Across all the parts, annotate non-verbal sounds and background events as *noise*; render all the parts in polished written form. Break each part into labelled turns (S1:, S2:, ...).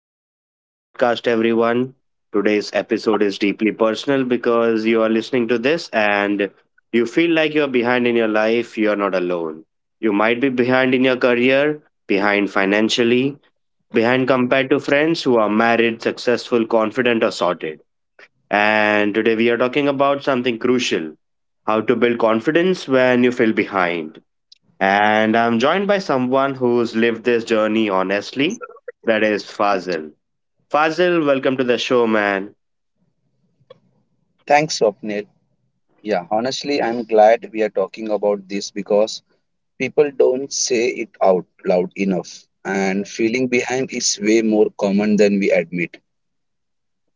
S1: Welcome back to the podcast, everyone. Today's episode is deeply personal because you are listening to this and you feel like you're behind in your life, you're not alone. You might be behind in your career, behind financially, behind compared to friends who are married, successful, confident, or sorted. And today we are talking about something crucial: how to build confidence when you feel behind. And I'm joined by someone who's lived this journey honestly, that is Fazil. Fazil, welcome to the show, man.
S2: Thanks, Swapnil. Yeah, honestly, I'm glad we are talking about this because people don't say it out loud enough, and feeling behind is way more common than we admit.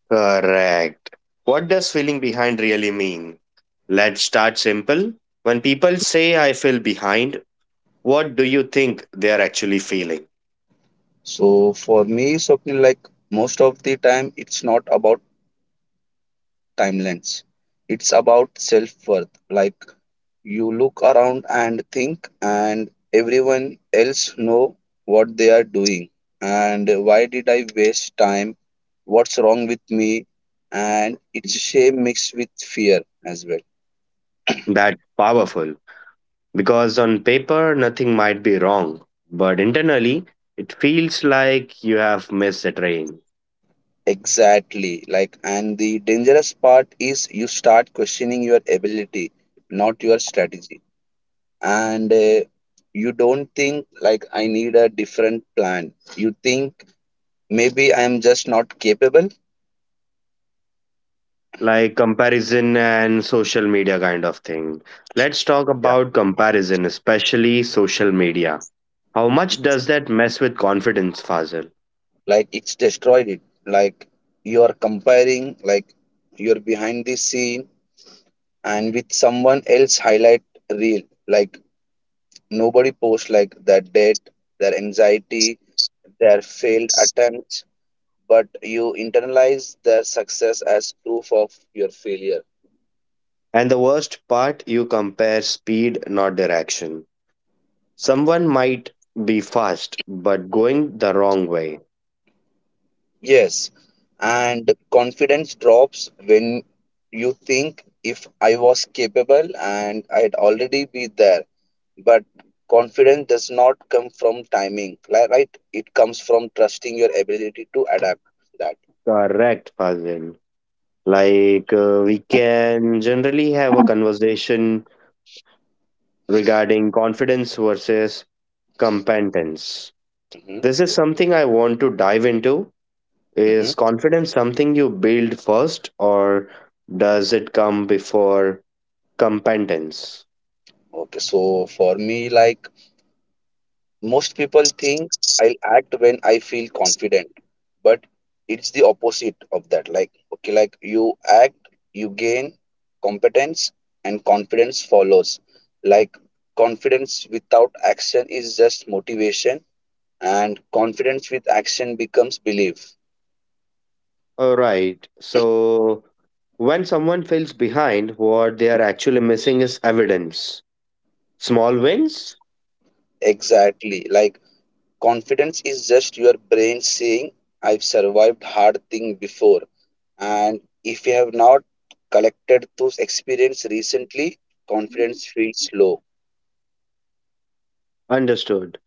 S1: Correct. What does feeling behind really mean? Let's start simple. When people
S2: Mhm.
S1: say I feel behind, what do you think they are actually feeling?
S2: So, for me, Swapnil, most of the time, it's not about time lens. It's about self worth. Like you look around and think, and everyone else know what they are doing, and why did I waste time? What's wrong with me? And it's shame mixed with fear as well.
S1: That's powerful because on paper nothing might be wrong, but internally it feels like you have missed a train.
S2: Exactly. And the dangerous part is you start questioning your ability, not your strategy. And you don't think, I need a different plan. You think maybe I am just not capable.
S1: Like comparison and social media kind of thing. Let's talk
S2: Yeah.
S1: about comparison, especially social media. How much does that mess with confidence, Fazil?
S2: Like it's destroyed it. Like you are comparing, like you're behind the scene and with someone else highlight reel. Like nobody posts like their debt, their anxiety, their failed attempts, but you internalize their success as proof of your failure.
S1: And the worst part, you compare speed, not direction. Someone might be fast, but going the wrong way.
S2: Yes, and confidence drops when you think if I was capable and I'd already be there. But confidence does not come from timing, right? It comes from trusting your ability to adapt that.
S1: Correct, Fazil. Like, we can generally have a conversation regarding confidence versus competence.
S2: Mm-hmm.
S1: This is something I want to dive into.
S2: Mm-hmm.
S1: Is confidence something you build first, or does it come before competence?
S2: Okay, so for me, most people think I'll act when I feel confident, but it's the opposite of that. Like, okay, like you act, you gain competence, and confidence follows. Like, confidence without action is just motivation, and confidence with action becomes belief.
S1: All right. So when someone feels behind, what they are actually missing is evidence. Small wins?
S2: Exactly. Confidence is just your brain saying, I've survived hard thing before. And if you have not collected those experience recently, confidence feels low.
S1: Understood.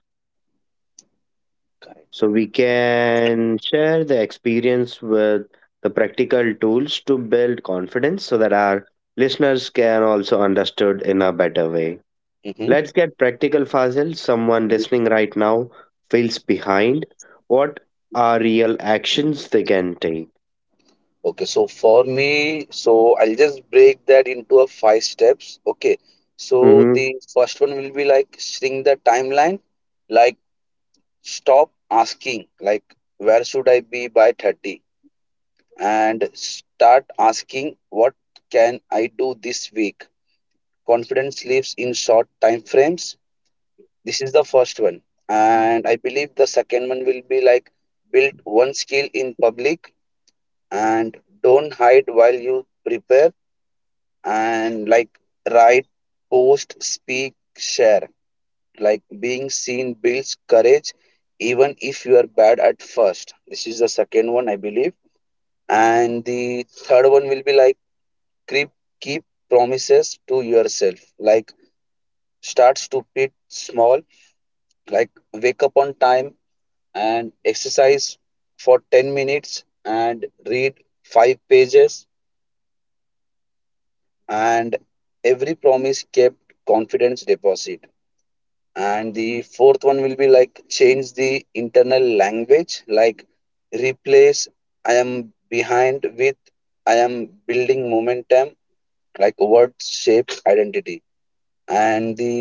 S2: Correct.
S1: So we can share the experience with the practical tools to build confidence so that our listeners can also understood in a better way.
S2: Mm-hmm.
S1: Let's get practical, Fazil. Someone listening right now feels behind. What are real actions they can take?
S2: Okay, so for me, so I'll just break that into a five steps. Okay, so
S1: Mhm.
S2: the first one will be like shrink the timeline, like stop asking, like where should I be by 30? And start asking what can I do this week. Confidence lives in short time frames. This is the first one. And I believe the second one will be like build one skill in public and don't hide while you prepare and like write, post, speak, share. Like being seen builds courage even if you are bad at first. This is the second one I believe. And the third one will be like keep keep promises to yourself, like start stupid small, like wake up on time and exercise for 10 minutes and read 5 pages, and every promise kept confidence deposit. And the fourth one will be like change the internal language, like replace I am behind with I am building momentum, like word shape identity. And the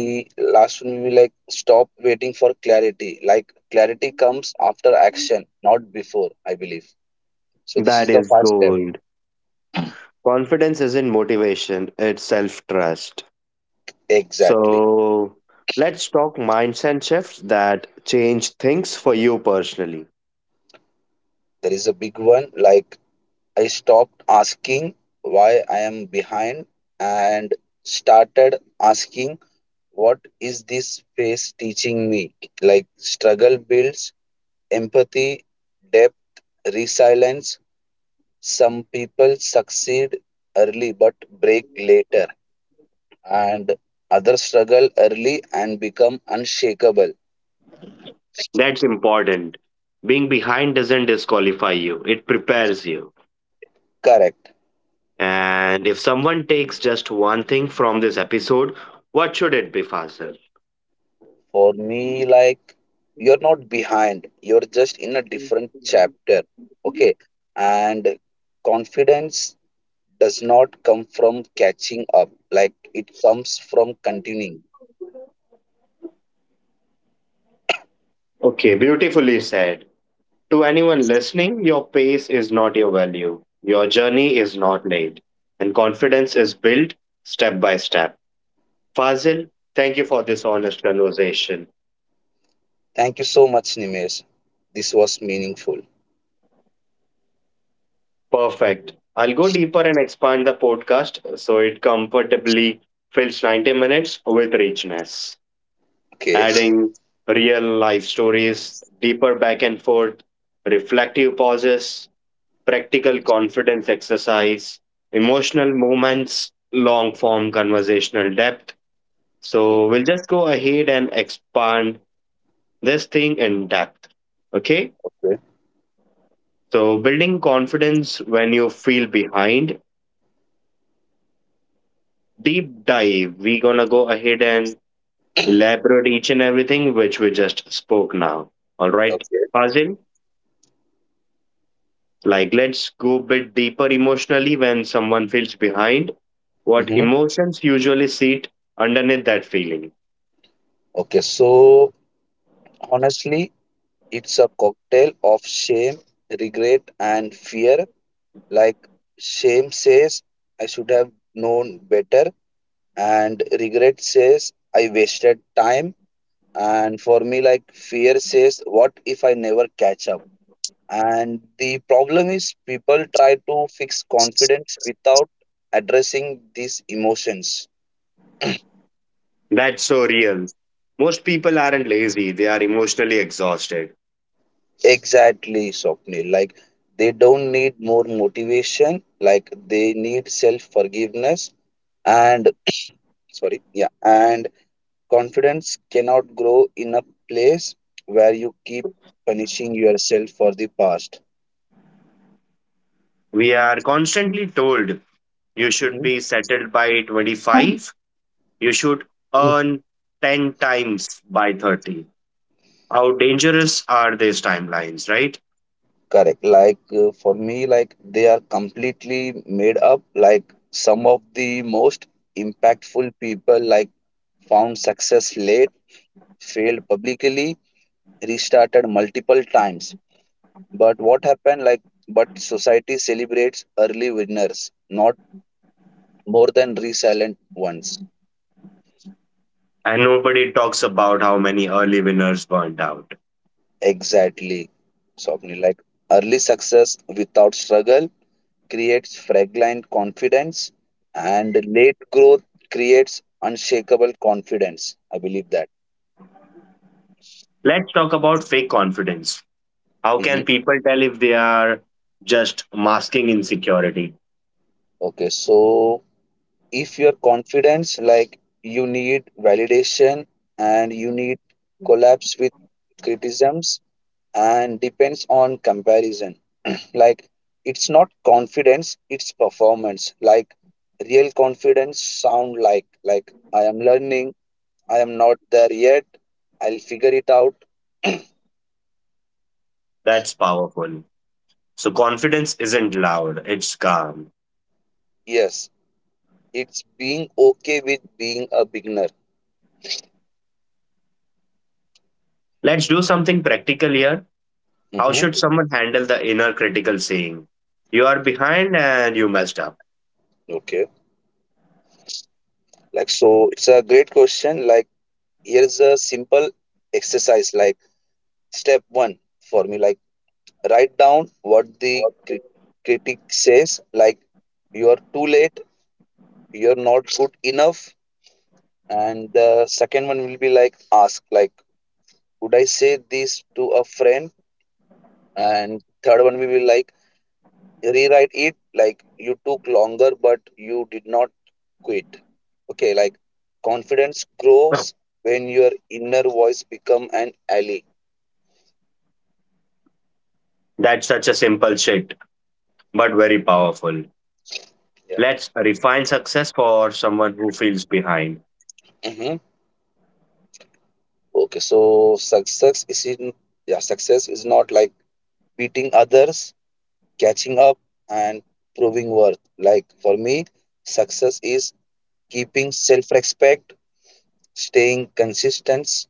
S2: last one will be like stop waiting for clarity, like clarity comes after action not before, I believe. So this is
S1: That
S2: the
S1: is
S2: first step.
S1: gold. Confidence isn't motivation, it's self trust.
S2: Exactly.
S1: So let's talk mindset shifts that change things for you personally.
S2: There is a big one, like I stopped asking why I am behind and started asking what is this phase teaching me. Like struggle builds empathy, depth, resilience. Some people succeed early but break later, and others struggle early and become unshakable.
S1: That's important. Being behind doesn't disqualify you, it prepares you.
S2: Correct.
S1: And if someone takes just one thing from this episode, what should it be, Faisal?
S2: For me, like you're not behind, you're just in a different chapter. Okay. And confidence does not come from catching up, like it comes from continuing.
S1: Okay, beautifully said. To anyone listening, your pace is not your value. Your journey is not late. And confidence is built step by step. Fazil, thank you for this honest conversation.
S2: Thank you so much, Nimesh. This was meaningful.
S1: Perfect. I'll go deeper and expand the podcast so it comfortably fills 90 minutes with richness,
S2: Okay.
S1: adding real life stories, deeper back and forth, reflective pauses, practical confidence exercise, emotional moments, long form conversational depth.
S2: Mhm.
S1: So we'll just go ahead and expand this thing in depth. Okay.
S2: Okay.
S1: So building confidence when you feel behind. Deep dive. We gonna go ahead and elaborate each and everything which we just spoke now. All right,
S2: Okay.
S1: Fazil. Like let's go a bit deeper emotionally when someone feels behind. What
S2: Hmm.
S1: emotions usually sit underneath that feeling?
S2: Okay. So honestly, it's a cocktail of shame, regret, and fear. Like shame says, I should have known better, and regret says, I wasted time. And for me, like fear says, what if I never catch up? And the problem is, people try to fix confidence without addressing these emotions.
S1: That's so real. Most people aren't lazy, they are emotionally exhausted.
S2: Exactly, Swapnil. Like they don't need more motivation, like they need self forgiveness and sorry, yeah, and confidence cannot grow in a place where you keep punishing yourself for the past.
S1: We are constantly told you should
S2: Mhm.
S1: be settled by 25. You should
S2: Mm.
S1: earn 10 times by 30. How dangerous are these timelines, right?
S2: Correct. Like for me, like they are completely made up. Like some of the most impactful people, like found success late, failed publicly, restarted multiple times. But what happened? Like, but society celebrates early winners, not more than resilient ones.
S1: And nobody talks about how many early winners burned out.
S2: Exactly, Swapnil. Like early success without struggle creates fragile confidence, and late growth creates unshakable confidence. I believe that.
S1: Let's talk about fake confidence. How can
S2: Hmm.
S1: people tell if they are just masking insecurity?
S2: Okay, so if your confidence like you need validation and you need collapse with criticisms and depends on comparison *clears throat* like it's not confidence, it's performance. Like real confidence sound like I am learning, I am not there yet, I'll figure it out.
S1: That's powerful. So, confidence isn't loud, it's calm.
S2: Yes, it's being okay with being a beginner.
S1: Let's do something practical here. How should
S2: Hmm.
S1: someone handle the inner critical saying, "You are behind and you messed up?"
S2: Okay, so it's a great question. Like here's a simple exercise, like step one, for me, like write down what the critic says, like you are too late, you're not good enough. And the second one will be like ask, like would I say this to a friend? And third one will be like rewrite it, like you took longer but you did not quit. Okay, like confidence grows
S1: *laughs*
S2: when your inner voice become an ally.
S1: That's such a simple shit but very powerful.
S2: Yeah.
S1: Let's refine success for someone who feels behind.
S2: Mhm. Okay, so success is in yeah, success is not like beating others, catching up, and proving worth. Like for me, success is keeping self-respect, staying consistent,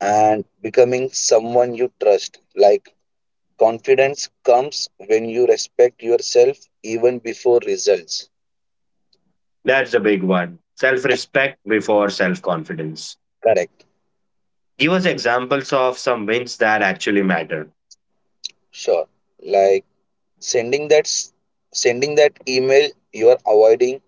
S2: and becoming someone you trust. Like confidence comes when you respect yourself even before results.
S1: That's the big one. Self respect before self confidence.
S2: Correct.
S1: Give us examples of some wins that actually matter.
S2: Sure. Like sending that s- sending that email you are avoiding,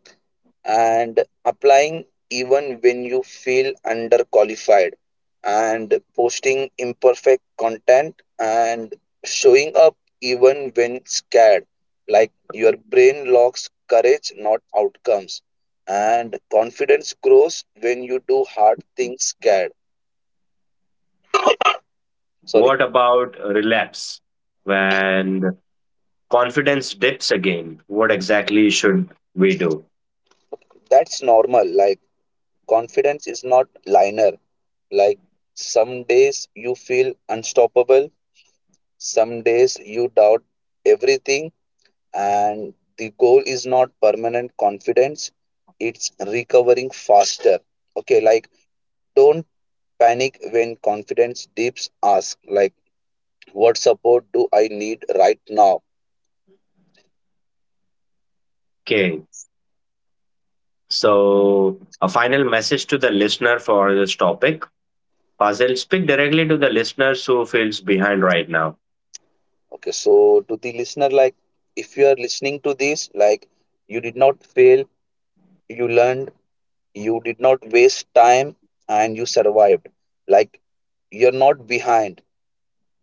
S2: and applying even when you feel underqualified, and posting imperfect content, and showing up even when scared. Like your brain locks courage not outcomes, and confidence grows when you do hard things scared. Sorry.
S1: What about relapse? When confidence dips again, what exactly should we do?
S2: That's normal, like confidence is not linear. Like some days you feel unstoppable, some days you doubt everything. And the goal is not permanent confidence, it's recovering faster. Okay, like don't panic when confidence dips, ask like what support do I need right now.
S1: Okay, so a final message to the listener for this topic. Fazil, speak directly to the listeners who feels behind right now.
S2: Okay, so to the listener, like if you are listening to this, like you did not fail, you learned, you did not waste time, and you survived. Like you're not behind,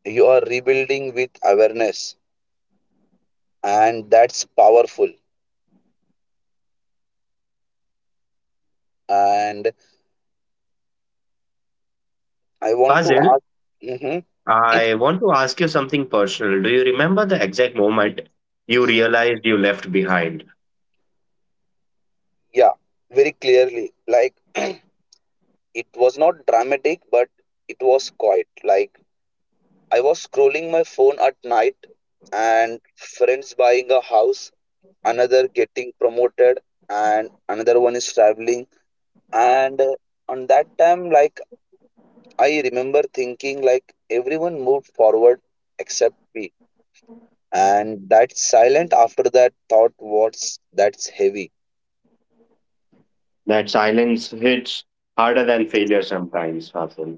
S2: you are rebuilding with awareness, and that's powerful. And I want to
S1: Fazil,
S2: ask, hmm.
S1: I want to ask you something personal. Do you remember the exact moment you realized you left behind?
S2: Yeah, very clearly. Like, it was not dramatic, but it was quiet. Like, I was scrolling my phone at night, and friends buying a house, another getting promoted, and another one is traveling. And on that time, I remember thinking, everyone moved forward except me. And that silent after that thought was that's heavy.
S1: That silence hits harder than failure sometimes, Fasil.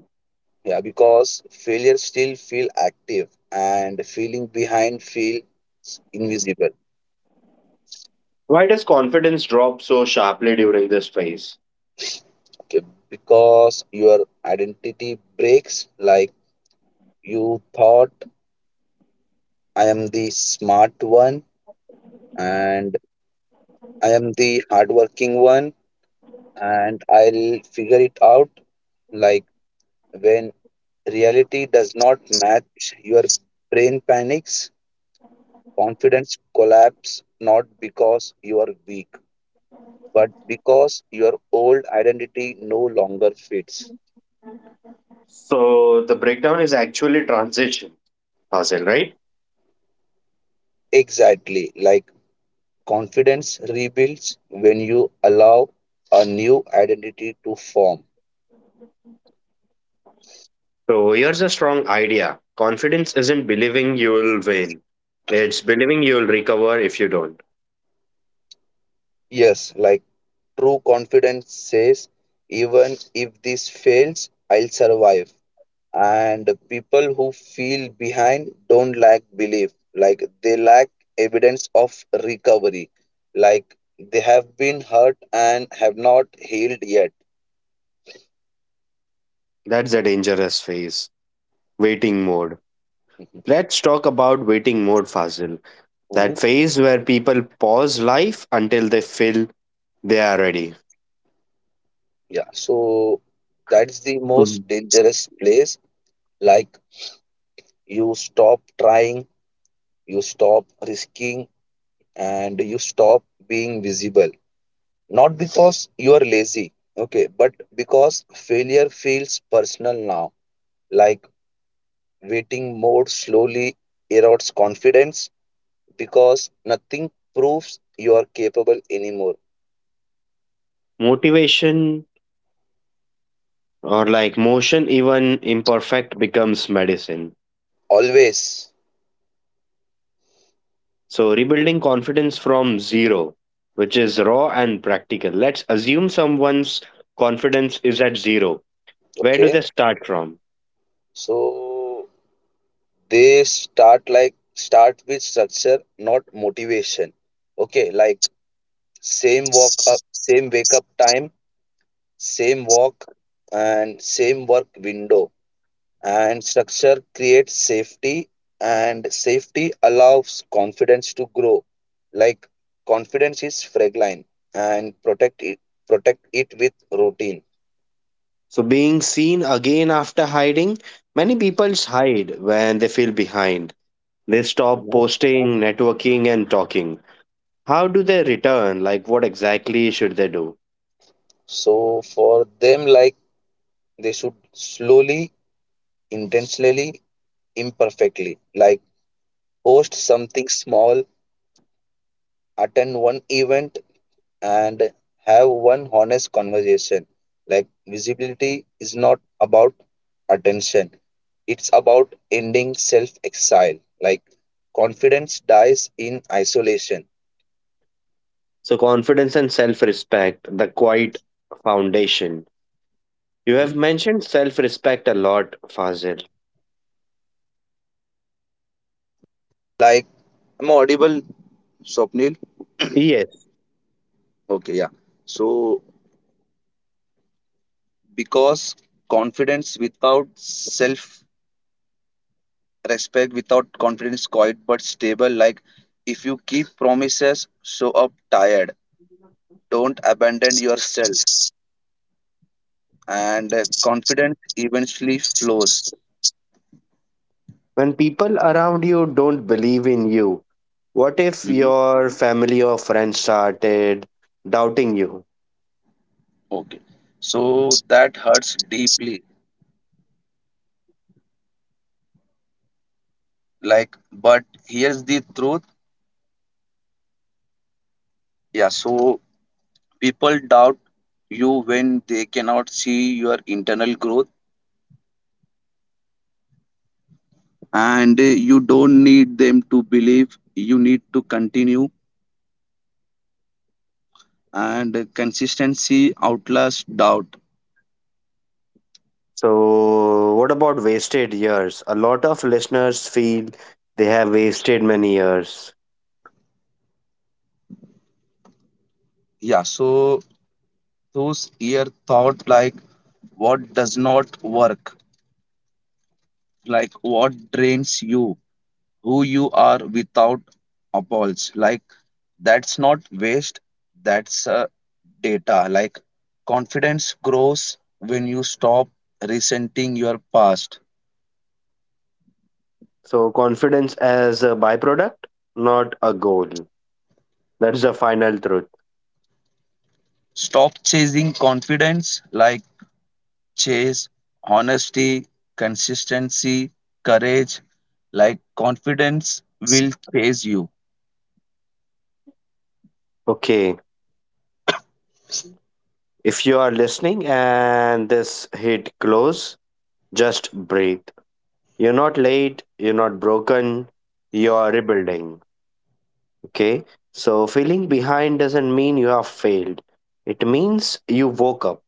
S2: Yeah, because failure still feel active and feeling behind feels invisible.
S1: Why does confidence drop so sharply during this phase?
S2: Okay, because your identity breaks, like you thought I am the smart one and I am the hardworking one and I'll figure it out. Like when reality does not match your brain panics, confidence collapse not because you are weak, but because your old identity no longer fits.
S1: So the breakdown is actually transition, Fasil, right?
S2: Exactly, like confidence rebuilds when you allow a new identity to form.
S1: So here's a strong idea. Confidence isn't believing you'll win. It's believing you'll recover if you don't.
S2: Yes, like true confidence says, even if this fails, I'll survive. And people who feel behind don't lack belief, like they lack evidence of recovery, like they have been hurt and have not healed yet.
S1: That's a dangerous phase. Waiting mode. Let's talk about waiting mode, Fazil. That
S2: *laughs*
S1: phase where people pause life until they feel they are ready.
S2: Yeah, so that's the
S1: Mhm.
S2: most dangerous place. Like you stop trying, you stop risking, and you stop being visible. Not because you are lazy, okay, but because failure feels personal now. Like waiting more slowly erodes confidence because nothing proves you are capable anymore.
S1: Motivation or like motion, even imperfect, becomes medicine.
S2: Always,
S1: So, rebuilding confidence from zero, which is raw and practical. Let's assume someone's confidence is at zero. Where do
S2: okay.
S1: they start from?
S2: So they start like start with structure not motivation. Okay, like same walk up, same wake up time, same walk, and same work window. And structure creates safety, and safety allows confidence to grow. Like confidence is fragile, and protect it with routine.
S1: So, being seen again after hiding, many people hide when they feel behind. They
S2: You
S1: stop
S2: know.
S1: posting, networking, and talking. How do they return? Like, what exactly should they do?
S2: So for them, like they should slowly, intentionally, imperfectly, like post something small, attend one event, and have one honest conversation. Like visibility is not about attention, it's about ending self exile. Like confidence dies in isolation.
S1: So, confidence and self respect, the quiet foundation. You have mentioned self respect a lot, Fazil.
S2: Nil?
S1: Yes.
S2: Okay, yeah. So, because confidence without self respect, without confidence, quiet but stable. Like, if you keep promises, show up tired. Don't abandon yourself. And confidence eventually flows.
S1: When people around you don't believe in you, what if
S2: Mhm.
S1: your family or friends started doubting you?
S2: Okay. So, that hurts deeply. Like, but here's the truth. Yeah. So, people doubt you when they cannot see your internal growth, and you don't need them to believe, you need to continue, and consistency outlasts doubt.
S1: So, what about wasted years? A lot of listeners feel they have wasted many years.
S2: Yeah, so those here thought, like what does not work, like what drains you, who you are without appalls. Like that's not waste, that's data. Like confidence grows when you stop resenting your past.
S1: So, confidence as a byproduct, not a goal. That's the final truth.
S2: Stop chasing confidence, like chase honesty, consistency, courage, like confidence will chase you.
S1: Okay. If you are listening and this hit close, just breathe. You're not late, you're not broken, you are rebuilding. Okay. So, feeling behind doesn't mean you have failed, it means you woke up.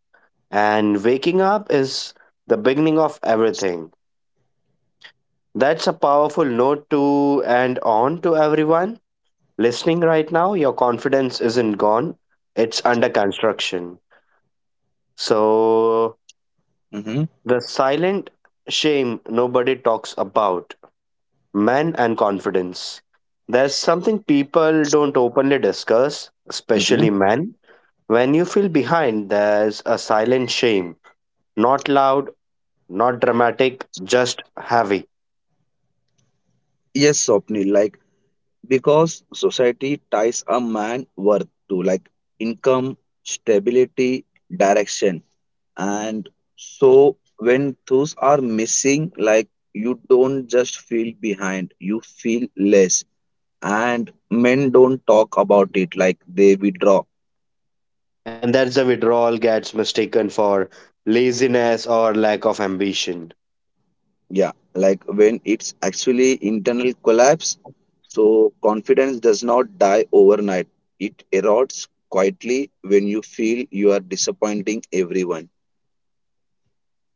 S1: And waking up is the beginning of everything. That's a powerful note to end on to everyone listening right now. Your confidence isn't gone, it's under construction. So,
S2: Hmm.
S1: the silent shame nobody talks about: men and confidence. There's something people don't openly discuss,
S2: Hmm.
S1: especially men. When you feel behind, there's a silent shame. Not loud, not dramatic, just heavy.
S2: Yes, Swapnil, like because society ties a man worth to like income, stability, direction. And so when those are missing, like you don't just feel behind, you feel less. And men don't talk about it, like they withdraw.
S1: And that's the withdrawal gets mistaken for laziness or lack of ambition.
S2: Yeah, like when it's actually internal collapse, so confidence does not die overnight. It erodes quietly when you feel you are disappointing everyone.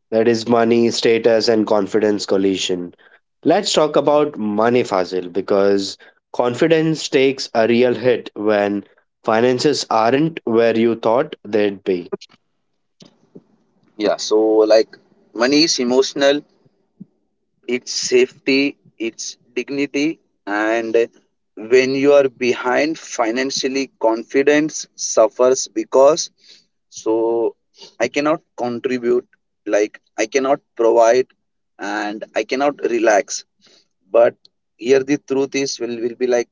S1: That is money, status, and confidence collision. Let's talk about money, Fazil, because confidence takes a real hit when finances aren't where you thought they'd be.
S2: Yeah, so like money is emotional, its safety, its dignity, and when you are behind financially, confidence suffers because so I cannot contribute, like I cannot provide, and I cannot relax. But here the truth is will be like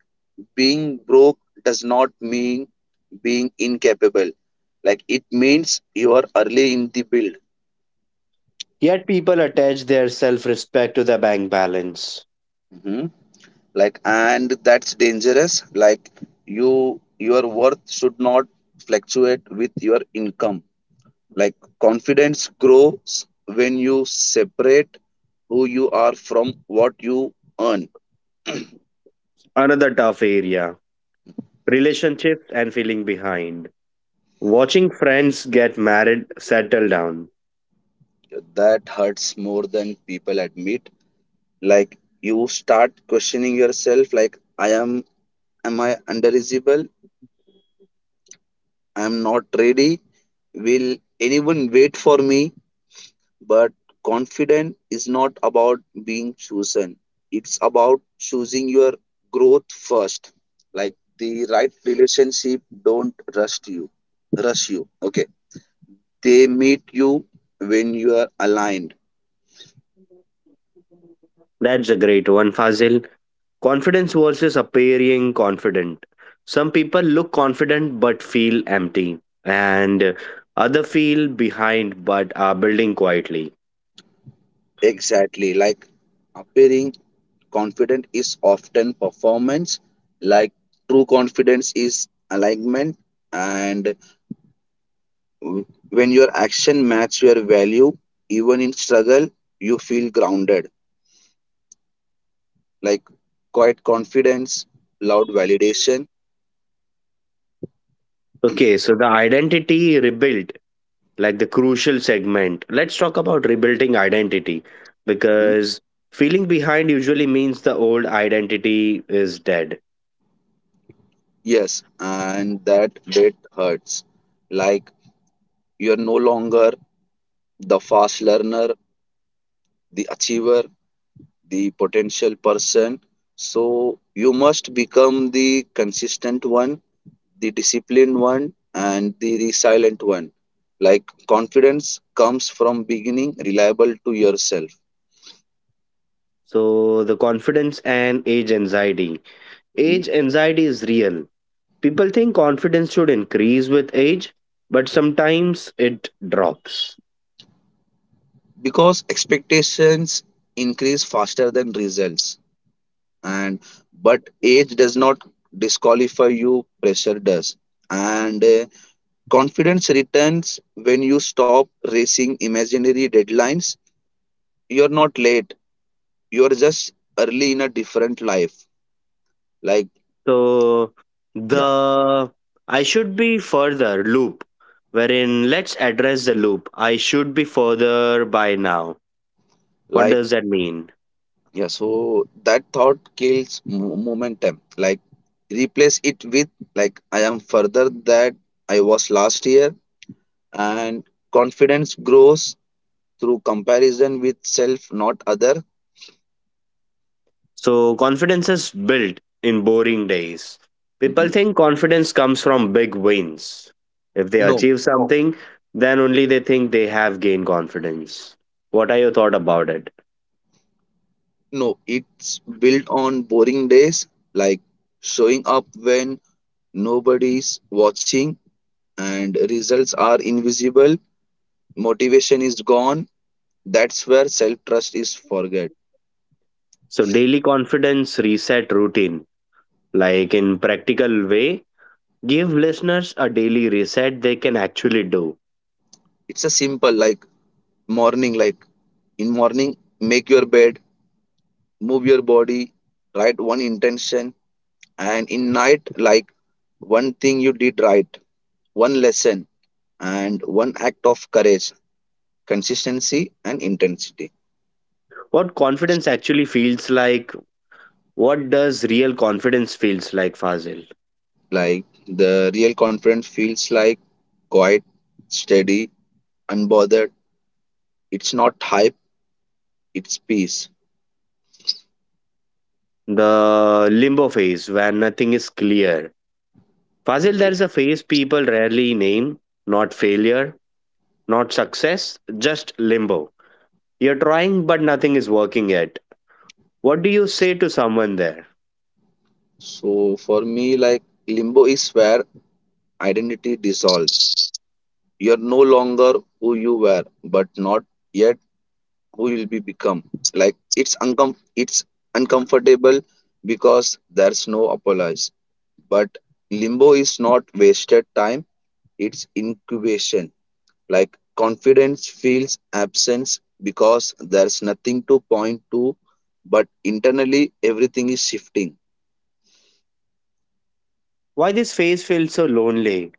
S2: being broke does not mean being incapable. Like it means you are early in the build.
S1: Yet people attach their self respect to the bank balance.
S2: Mhm. Like and that's dangerous, like your worth should not fluctuate with your income. Like confidence grows when you separate who you are from what you earn.
S1: Another tough area: relationships and feeling behind. Watching friends get married, settle down.
S2: That hurts more than people admit. Like you start questioning yourself, like I am I underisible, I am not ready, will anyone wait for me? But confident is not about being chosen. It's about choosing your growth first. Like the right relationship don't rush you. Rush you. Okay. They meet you when you are aligned.
S1: That's a great one, Fazil. Confidence versus appearing confident. Some people look confident but feel empty, and other feel behind but are building quietly.
S2: Exactly. Like appearing confident is often performance. Like true confidence is alignment, and when your action match your value, even in struggle, you feel grounded, like quiet confidence, loud validation.
S1: Okay, so the identity rebuilt, like the crucial segment. Let's talk about rebuilding identity
S2: Mhm.
S1: because feeling behind usually means the old identity is dead.
S2: Yes, and that hurts, like you're no longer the fast learner, the achiever, the potential person. So you must become the consistent one, the disciplined one, and the resilient one. Like confidence comes from beginning reliable to yourself.
S1: So the confidence and age anxiety.
S2: Mhm.
S1: Age anxiety is real. People think confidence should increase with age, but sometimes it drops.
S2: Because expectations increase faster than results, and but age does not disqualify you, pressure does. And confidence returns when you stop racing imaginary deadlines. You're not late, you're just early in a different life, like
S1: So,
S2: yeah,
S1: the I should be further loop, wherein let's address the loop. I should be further by now. What
S2: like
S1: does that mean?
S2: yeah, so that thought kills momentum, like replace it with, like I am further that I was last year, and confidence grows through comparison with self, not other.
S1: So, confidence is built in boring days. People
S2: Mhm.
S1: think confidence comes from big wins. If they
S2: No,
S1: achieve something, then only they think they have gained confidence. What are your thoughts about it?
S2: no, it's built on boring days, like showing up when nobody's watching and results are invisible, motivation is gone. That's where self trust is forget.
S1: So daily confidence reset routine, like in practical way, give listeners a daily reset they can actually do.
S2: It's a simple, like morning, like in morning, make your bed, move your body, write one intention. And in night, like one thing you did right, one lesson, and one act of courage. Consistency and intensity.
S1: What confidence actually feels like, what does real confidence feels like, Fazil?
S2: Like the real confidence feels like quiet, steady, unbothered. It's not hype, it's peace.
S1: The limbo phase where nothing is clear. Fazil, there
S2: Okay.
S1: is a phase people rarely name, not failure, not success, just limbo. You're trying but nothing is working yet. What do you say to someone there?
S2: So for me, like limbo is where identity dissolves. You are no longer who you were, but not yet who you'll be become. Like it's uncomfortable because there's no apology. But limbo is not wasted time, it's incubation. Like confidence feels absence because there's nothing to point to, but internally everything is shifting.
S1: Why this phase feels so lonely?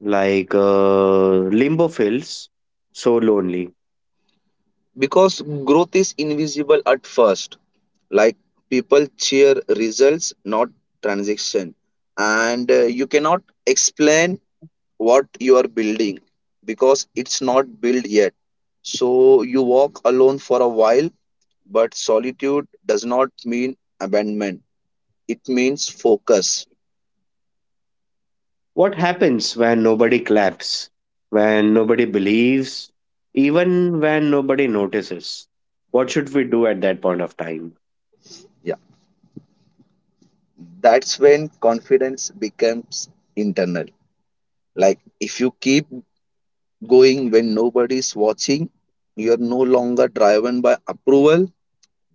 S1: Like limbo feels so lonely.
S2: Because growth is invisible at first, like people cheer results, not transaction. And you cannot explain what you are building because it's not built yet, so you walk alone for a while. But solitude does not mean abandonment, it means focus.
S1: What happens when nobody claps, when nobody believes, even when nobody notices? What should we do at that point of time?
S2: Yeah, that's when confidence becomes internal. Like if you keep going when nobody is watching. You're no longer driven by approval.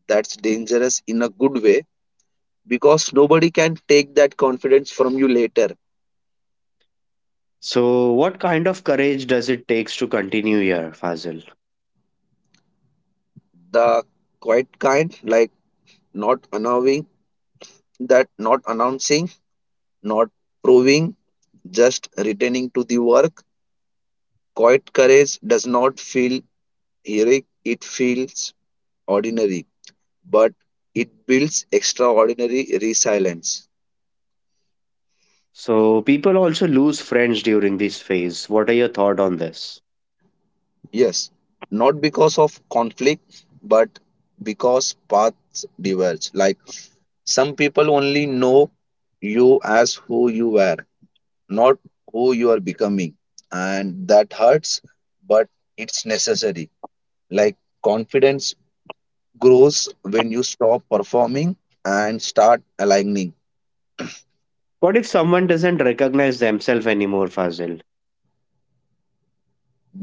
S2: That's dangerous in a good way because nobody can take that confidence from you later.
S1: So what kind of courage does it takes to continue here, Fazil?
S2: The quiet kind, like not announcing, not proving, just returning to the work. Quiet courage does not feel heroic, it feels ordinary, but it builds extraordinary resilience.
S1: So people also lose friends during this phase. What are your thought on this?
S2: Yes, not because of conflict, but because paths diverge. Like some people only know you as who you were, not who you are becoming. And that hurts, but it's necessary. Like confidence grows when you stop performing and start aligning.
S1: What if someone doesn't recognize themselves anymore, Fazil?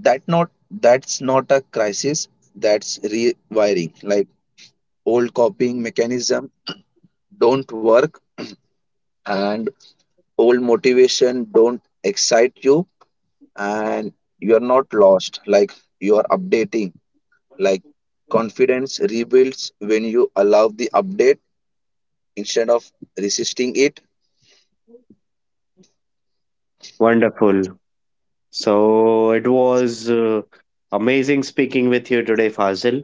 S2: That's not a crisis, that's rewiring. Like old copying mechanism don't work, and old motivation don't excite you, and you're not lost, like you're updating. Like confidence rebuilds when you allow the update instead of resisting it.
S1: Wonderful. So it was amazing speaking with you today, Fazil.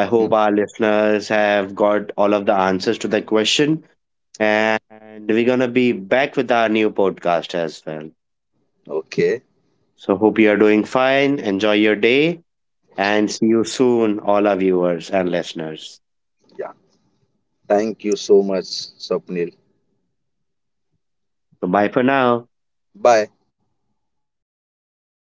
S1: I hope our listeners have got all of the answers to their question. And we're going to be back with our new podcast as well.
S2: Okay,
S1: So, hope you are doing fine. Enjoy your day and see you soon, all our viewers and listeners.
S2: yeah, thank you so much, swapnil.
S1: So, bye for now.
S2: Bye.